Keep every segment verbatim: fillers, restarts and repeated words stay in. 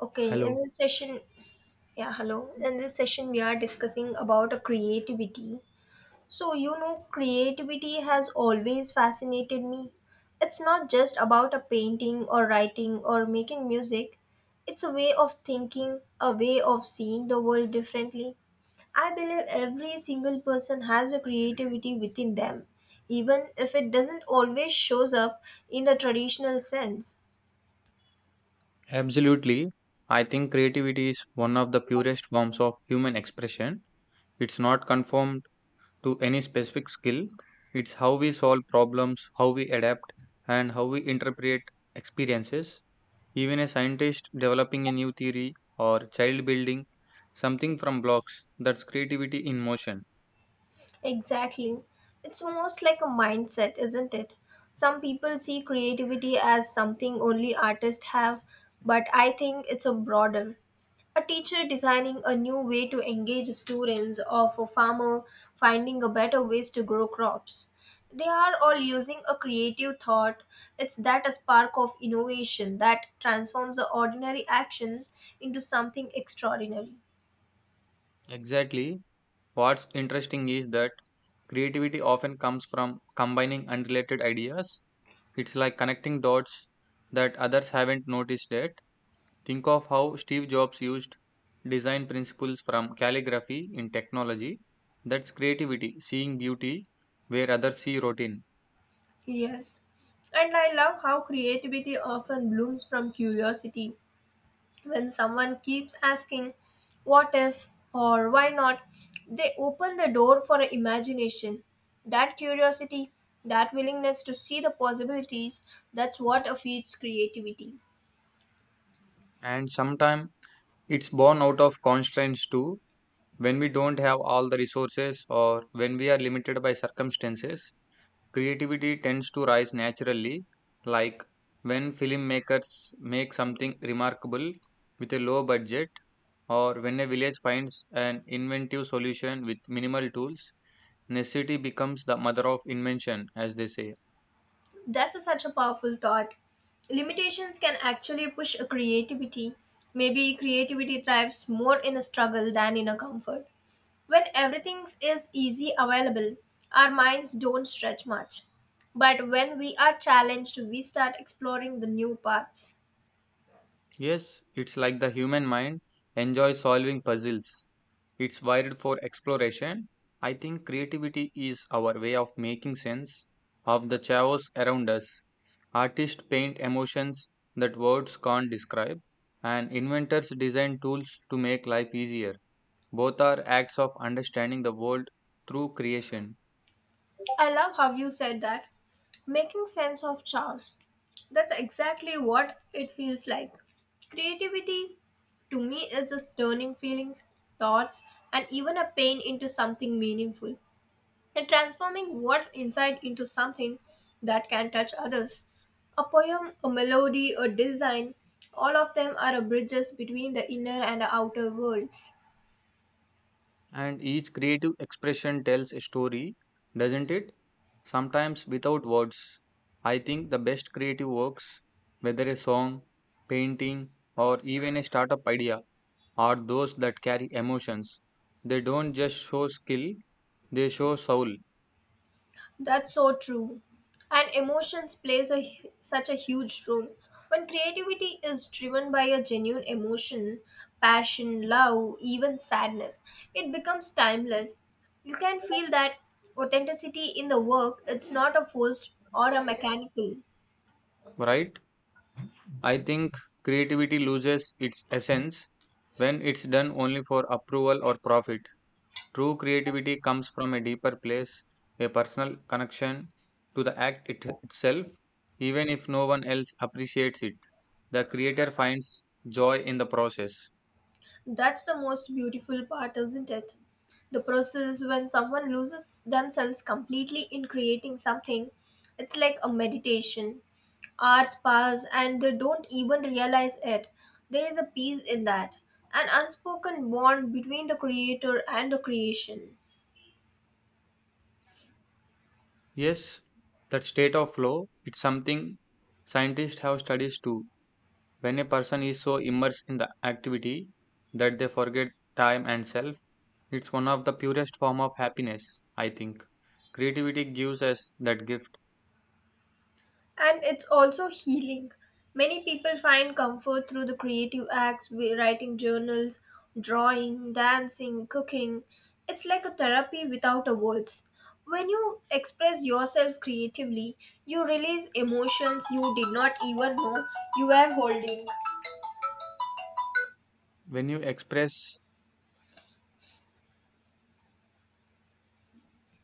Okay, in Hello. this session, yeah, hello. In this session, we are discussing about a creativity. So, you know, creativity has always fascinated me. It's not just about a painting or writing or making music. It's a way of thinking, a way of seeing the world differently. I believe every single person has a creativity within them, even if it doesn't always shows up in the traditional sense. Absolutely. I think creativity is one of the purest forms of human expression. It's not conformed to any specific skill. It's how we solve problems, how we adapt, and how we interpret experiences. Even a scientist developing a new theory or child building something from blocks, that's creativity in motion. Exactly. It's most like a mindset, isn't it? Some people see creativity as something only artists have, but I think it's a broader. A teacher designing a new way to engage students or a farmer finding a better ways to grow crops. They are all using a creative thought. It's that a spark of innovation that transforms the ordinary action into something extraordinary. Exactly. What's interesting is that creativity often comes from combining unrelated ideas. It's like connecting dots that others haven't noticed yet. Think of how Steve Jobs used design principles from calligraphy in technology. That's creativity, seeing beauty where others see routine. Yes, and I love how creativity often blooms from curiosity. When someone keeps asking, what if or why not, they open the door for imagination. That curiosity, that willingness to see the possibilities, that's what feeds creativity. And sometimes it's born out of constraints too. When we don't have all the resources or when we are limited by circumstances, creativity tends to rise naturally, like when filmmakers make something remarkable with a low budget, or when a village finds an inventive solution with minimal tools. Necessity becomes the mother of invention, as they say. That's a- such a powerful thought. Limitations can actually push a creativity. Maybe creativity thrives more in a struggle than in a comfort. When everything is easy available, our minds don't stretch much. But when we are challenged, we start exploring the new paths. Yes, it's like the human mind enjoys solving puzzles. It's wired for exploration. I think creativity is our way of making sense of the chaos around us. Artists paint emotions that words can't describe, and inventors design tools to make life easier. Both are acts of understanding the world through creation. I love how you said that. Making sense of chaos. That's exactly what it feels like. Creativity, to me, is just turning feelings, thoughts, and even a pain into something meaningful and transforming what's inside into something that can touch others. A poem, a melody, a design, all of them are bridges between the inner and the outer worlds. And each creative expression tells a story, doesn't it? Sometimes without words. I think the best creative works, whether a song, painting, or even a startup idea, are those that carry emotions. They don't just show skill, they show soul, That's so true. And emotions plays a hu- such a huge role. When creativity is driven by a genuine emotion, passion, love, even sadness, it becomes timeless. You can feel that authenticity in the work. It's not a forced or a mechanical. right? I think creativity loses its essence when it's done only for approval or profit. True creativity comes from a deeper place, a personal connection to the act it, itself, even if no one else appreciates it. The creator finds joy in the process. That's the most beautiful part, isn't it? The process when someone loses themselves completely in creating something, it's like a meditation. Hours pass and they don't even realize it. There is a peace in that, an unspoken bond between the creator and the creation. Yes, that state of flow, it's something scientists have studies too. When a person is so immersed in the activity that they forget time and self, it's one of the purest form of happiness, I think. Creativity gives us that gift. And it's also healing. Many people find comfort through the creative acts, wi- writing journals, drawing, dancing, cooking. It's like a therapy without a words. When you express yourself creatively, you release emotions you did not even know you were holding. When you express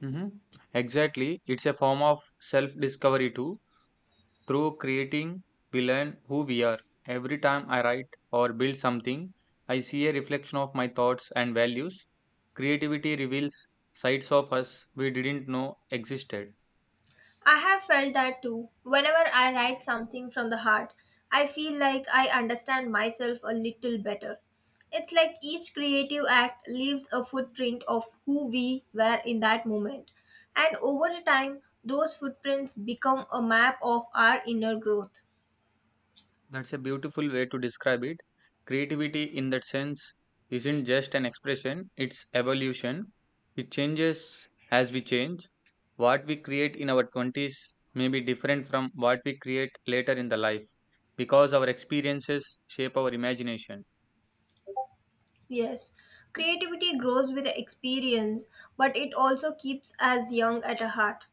hmm exactly. It's a form of self discovery too. Through creating, we learn who we are. Every time I write or build something, I see a reflection of my thoughts and values. Creativity reveals sides of us we didn't know existed. I have felt that too. Whenever I write something from the heart, I feel like I understand myself a little better. It's like each creative act leaves a footprint of who we were in that moment. And over the time, those footprints become a map of our inner growth. That's a beautiful way to describe it. Creativity, in that sense, isn't just an expression, it's evolution. It changes as we change. What we create in our twenties may be different from what we create later in the life because our experiences shape our imagination. Yes, creativity grows with experience, but it also keeps us young at a heart.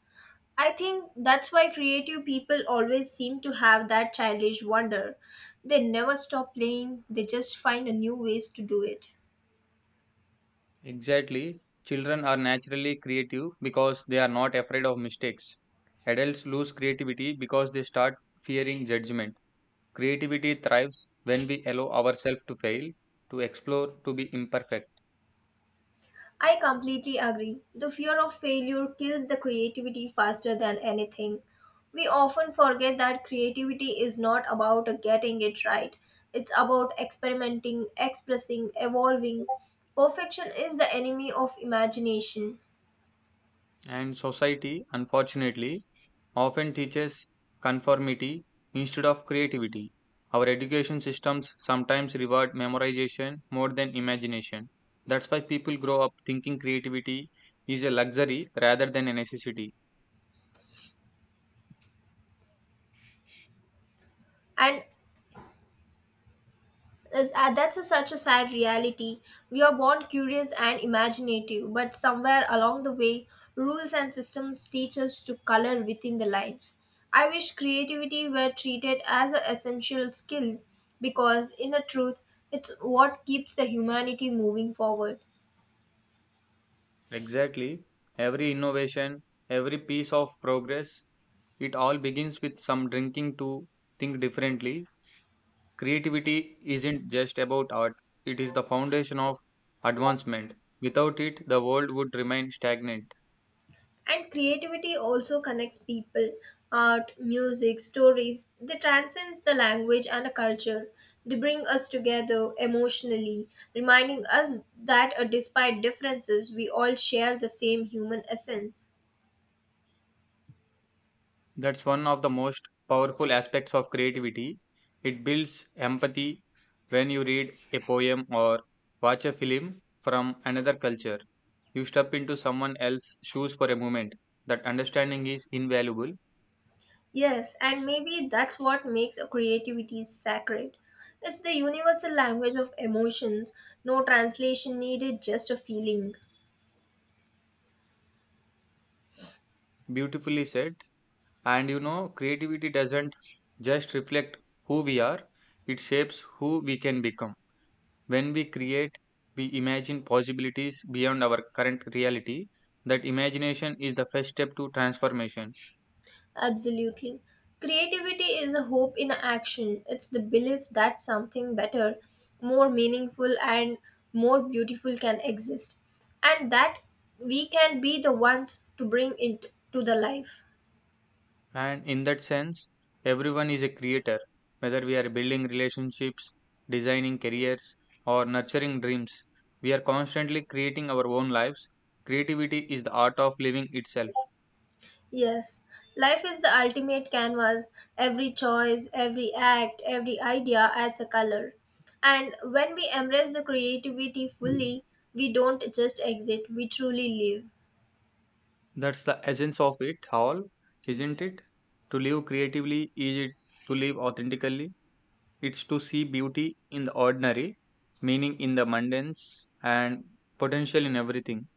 I think that's why creative people always seem to have that childish wonder. They never stop playing, they just find a new ways to do it. Exactly. Children are naturally creative because they are not afraid of mistakes. Adults lose creativity because they start fearing judgment. Creativity thrives when we allow ourselves to fail, to explore, to be imperfect. I completely agree. The fear of failure kills the creativity faster than anything. We often forget that creativity is not about getting it right. It's about experimenting, expressing, evolving. Perfection is the enemy of imagination. And society, unfortunately, often teaches conformity instead of creativity. Our education systems sometimes reward memorization more than imagination. That's why people grow up thinking creativity is a luxury rather than a necessity. And Is- uh, That's a, such a sad reality. We are born curious and imaginative, but somewhere along the way, rules and systems teach us to color within the lines. I wish creativity were treated as an essential skill because, in a truth, it's what keeps the humanity moving forward. Exactly. Every innovation, every piece of progress, it all begins with some drinking to think differently. Creativity isn't just about art, it is the foundation of advancement. Without it, the world would remain stagnant. And creativity also connects people. Art, music, stories, they transcends the language and the culture. They bring us together emotionally, reminding us that uh, despite differences, we all share the same human essence. That's one of the most powerful aspects of creativity. It builds empathy when you read a poem or watch a film from another culture. You step into someone else's shoes for a moment. That understanding is invaluable, Yes, and maybe that's what makes a creativity sacred. It's the universal language of emotions, no translation needed, just a feeling. beautifully said. And you know, creativity doesn't just reflect who we are, it shapes who we can become. When we create, we imagine possibilities beyond our current reality. That imagination is the first step to transformation. Absolutely. Creativity is a hope in action. It's the belief that something better, more meaningful, and more beautiful can exist, and that we can be the ones to bring it to the life. And in that sense, everyone is a creator, whether we are building relationships, designing careers, or nurturing dreams. We are constantly creating our own lives. Creativity is the art of living itself. Yes, life is the ultimate canvas. Every choice, every act, every idea adds a color. And when we embrace the creativity fully, we don't just exit, we truly live. That's the essence of it all, isn't it? To live creatively is it to live authentically. It's to see beauty in the ordinary, meaning in the mundanes, and potential in everything.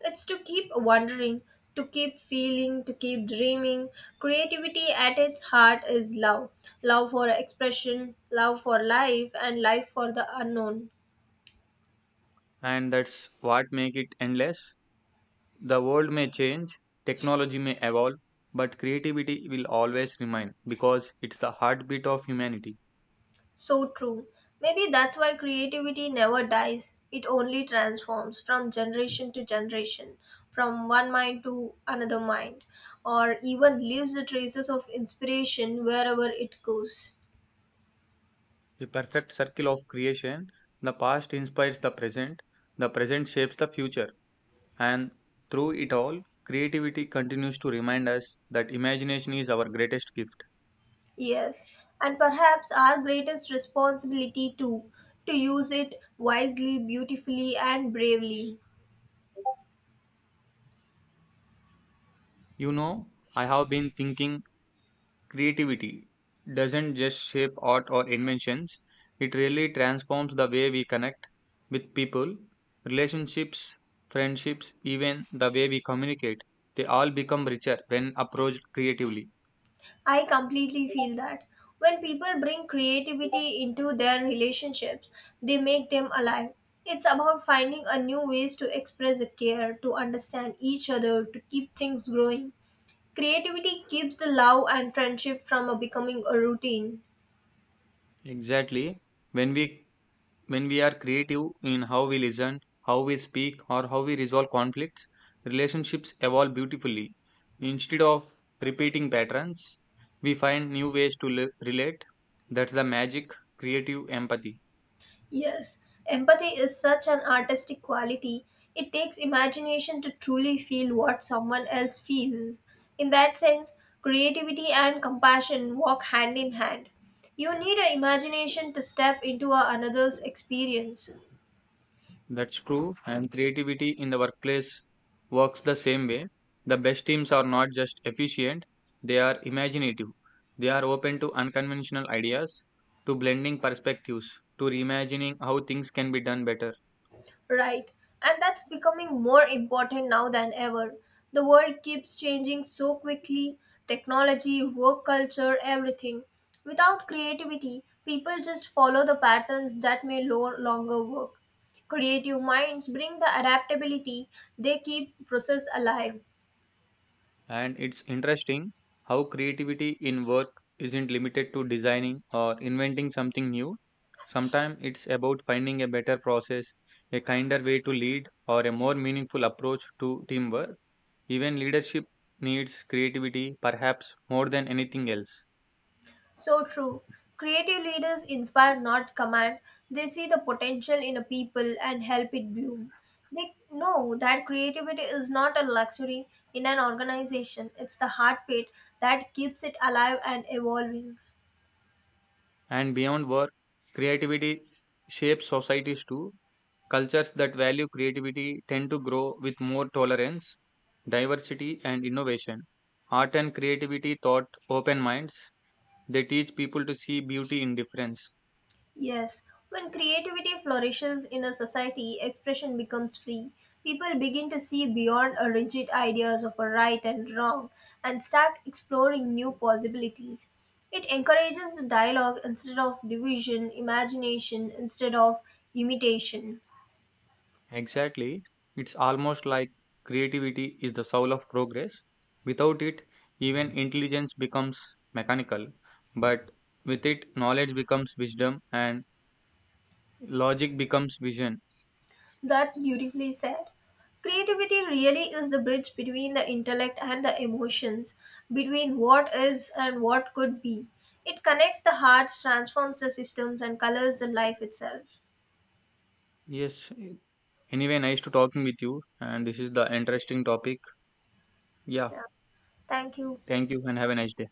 It's to keep wondering, to keep feeling, to keep dreaming. Creativity at its heart is love, love for expression, love for life, and life for the unknown. And that's what make it endless. The world may change, technology may evolve, but creativity will always remain because it's the heartbeat of humanity. So true. Maybe that's why creativity never dies, it only transforms from generation to generation, from one mind to another mind, or even leaves the traces of inspiration wherever it goes. The perfect circle of creation, the past inspires the present, the present shapes the future, and through it all, creativity continues to remind us that imagination is our greatest gift. Yes, and perhaps our greatest responsibility too, to use it wisely, beautifully, and bravely. You know, I have been thinking creativity doesn't just shape art or inventions, it really transforms the way we connect with people, relationships, friendships, even the way we communicate. They all become richer when approached creatively. I completely feel that. When people bring creativity into their relationships, they make them alive. It's about finding a new ways to express a care, to understand each other, to keep things growing. Creativity keeps the love and friendship from a becoming a routine. Exactly. When we When we are creative in how we listen, how we speak, or how we resolve conflicts, relationships evolve beautifully. Instead of repeating patterns, we find new ways to li- relate. That's the magic, creative empathy. Yes, empathy is such an artistic quality. It takes imagination to truly feel what someone else feels. In that sense, creativity and compassion walk hand in hand. You need an imagination to step into a- another's experience. That's true, and creativity in the workplace works the same way. The best teams are not just efficient, they are imaginative. They are open to unconventional ideas, to blending perspectives, to reimagining how things can be done better. Right, and that's becoming more important now than ever. The world keeps changing so quickly, technology, work culture, everything. Without creativity, people just follow the patterns that may no longer work. Creative minds bring the adaptability, they keep process alive. And it's interesting how creativity in work isn't limited to designing or inventing something new. Sometimes it's about finding a better process, a kinder way to lead, or a more meaningful approach to teamwork. Even leadership needs creativity, perhaps more than anything else. So true. Creative leaders inspire, not command. They see the potential in a people and help it bloom. They know that creativity is not a luxury in an organization, it's the heartbeat that keeps it alive and evolving. And beyond work, creativity shapes societies too. Cultures that value creativity tend to grow with more tolerance, diversity, and innovation. Art and creativity taught open minds. They teach people to see beauty in difference. Yes, when creativity flourishes in a society, expression becomes free. People begin to see beyond a rigid ideas of a right and wrong and start exploring new possibilities. It encourages dialogue instead of division, imagination instead of imitation. Exactly. It's almost like creativity is the soul of progress. Without it, even intelligence becomes mechanical. But with it, knowledge becomes wisdom and logic becomes vision. That's beautifully said. Creativity really is the bridge between the intellect and the emotions, between what is and what could be. It connects the hearts, transforms the systems, and colors the life itself. Yes. Anyway, nice to talking with you. And this is the interesting topic. Yeah. Yeah, thank you. Thank you and have a nice day.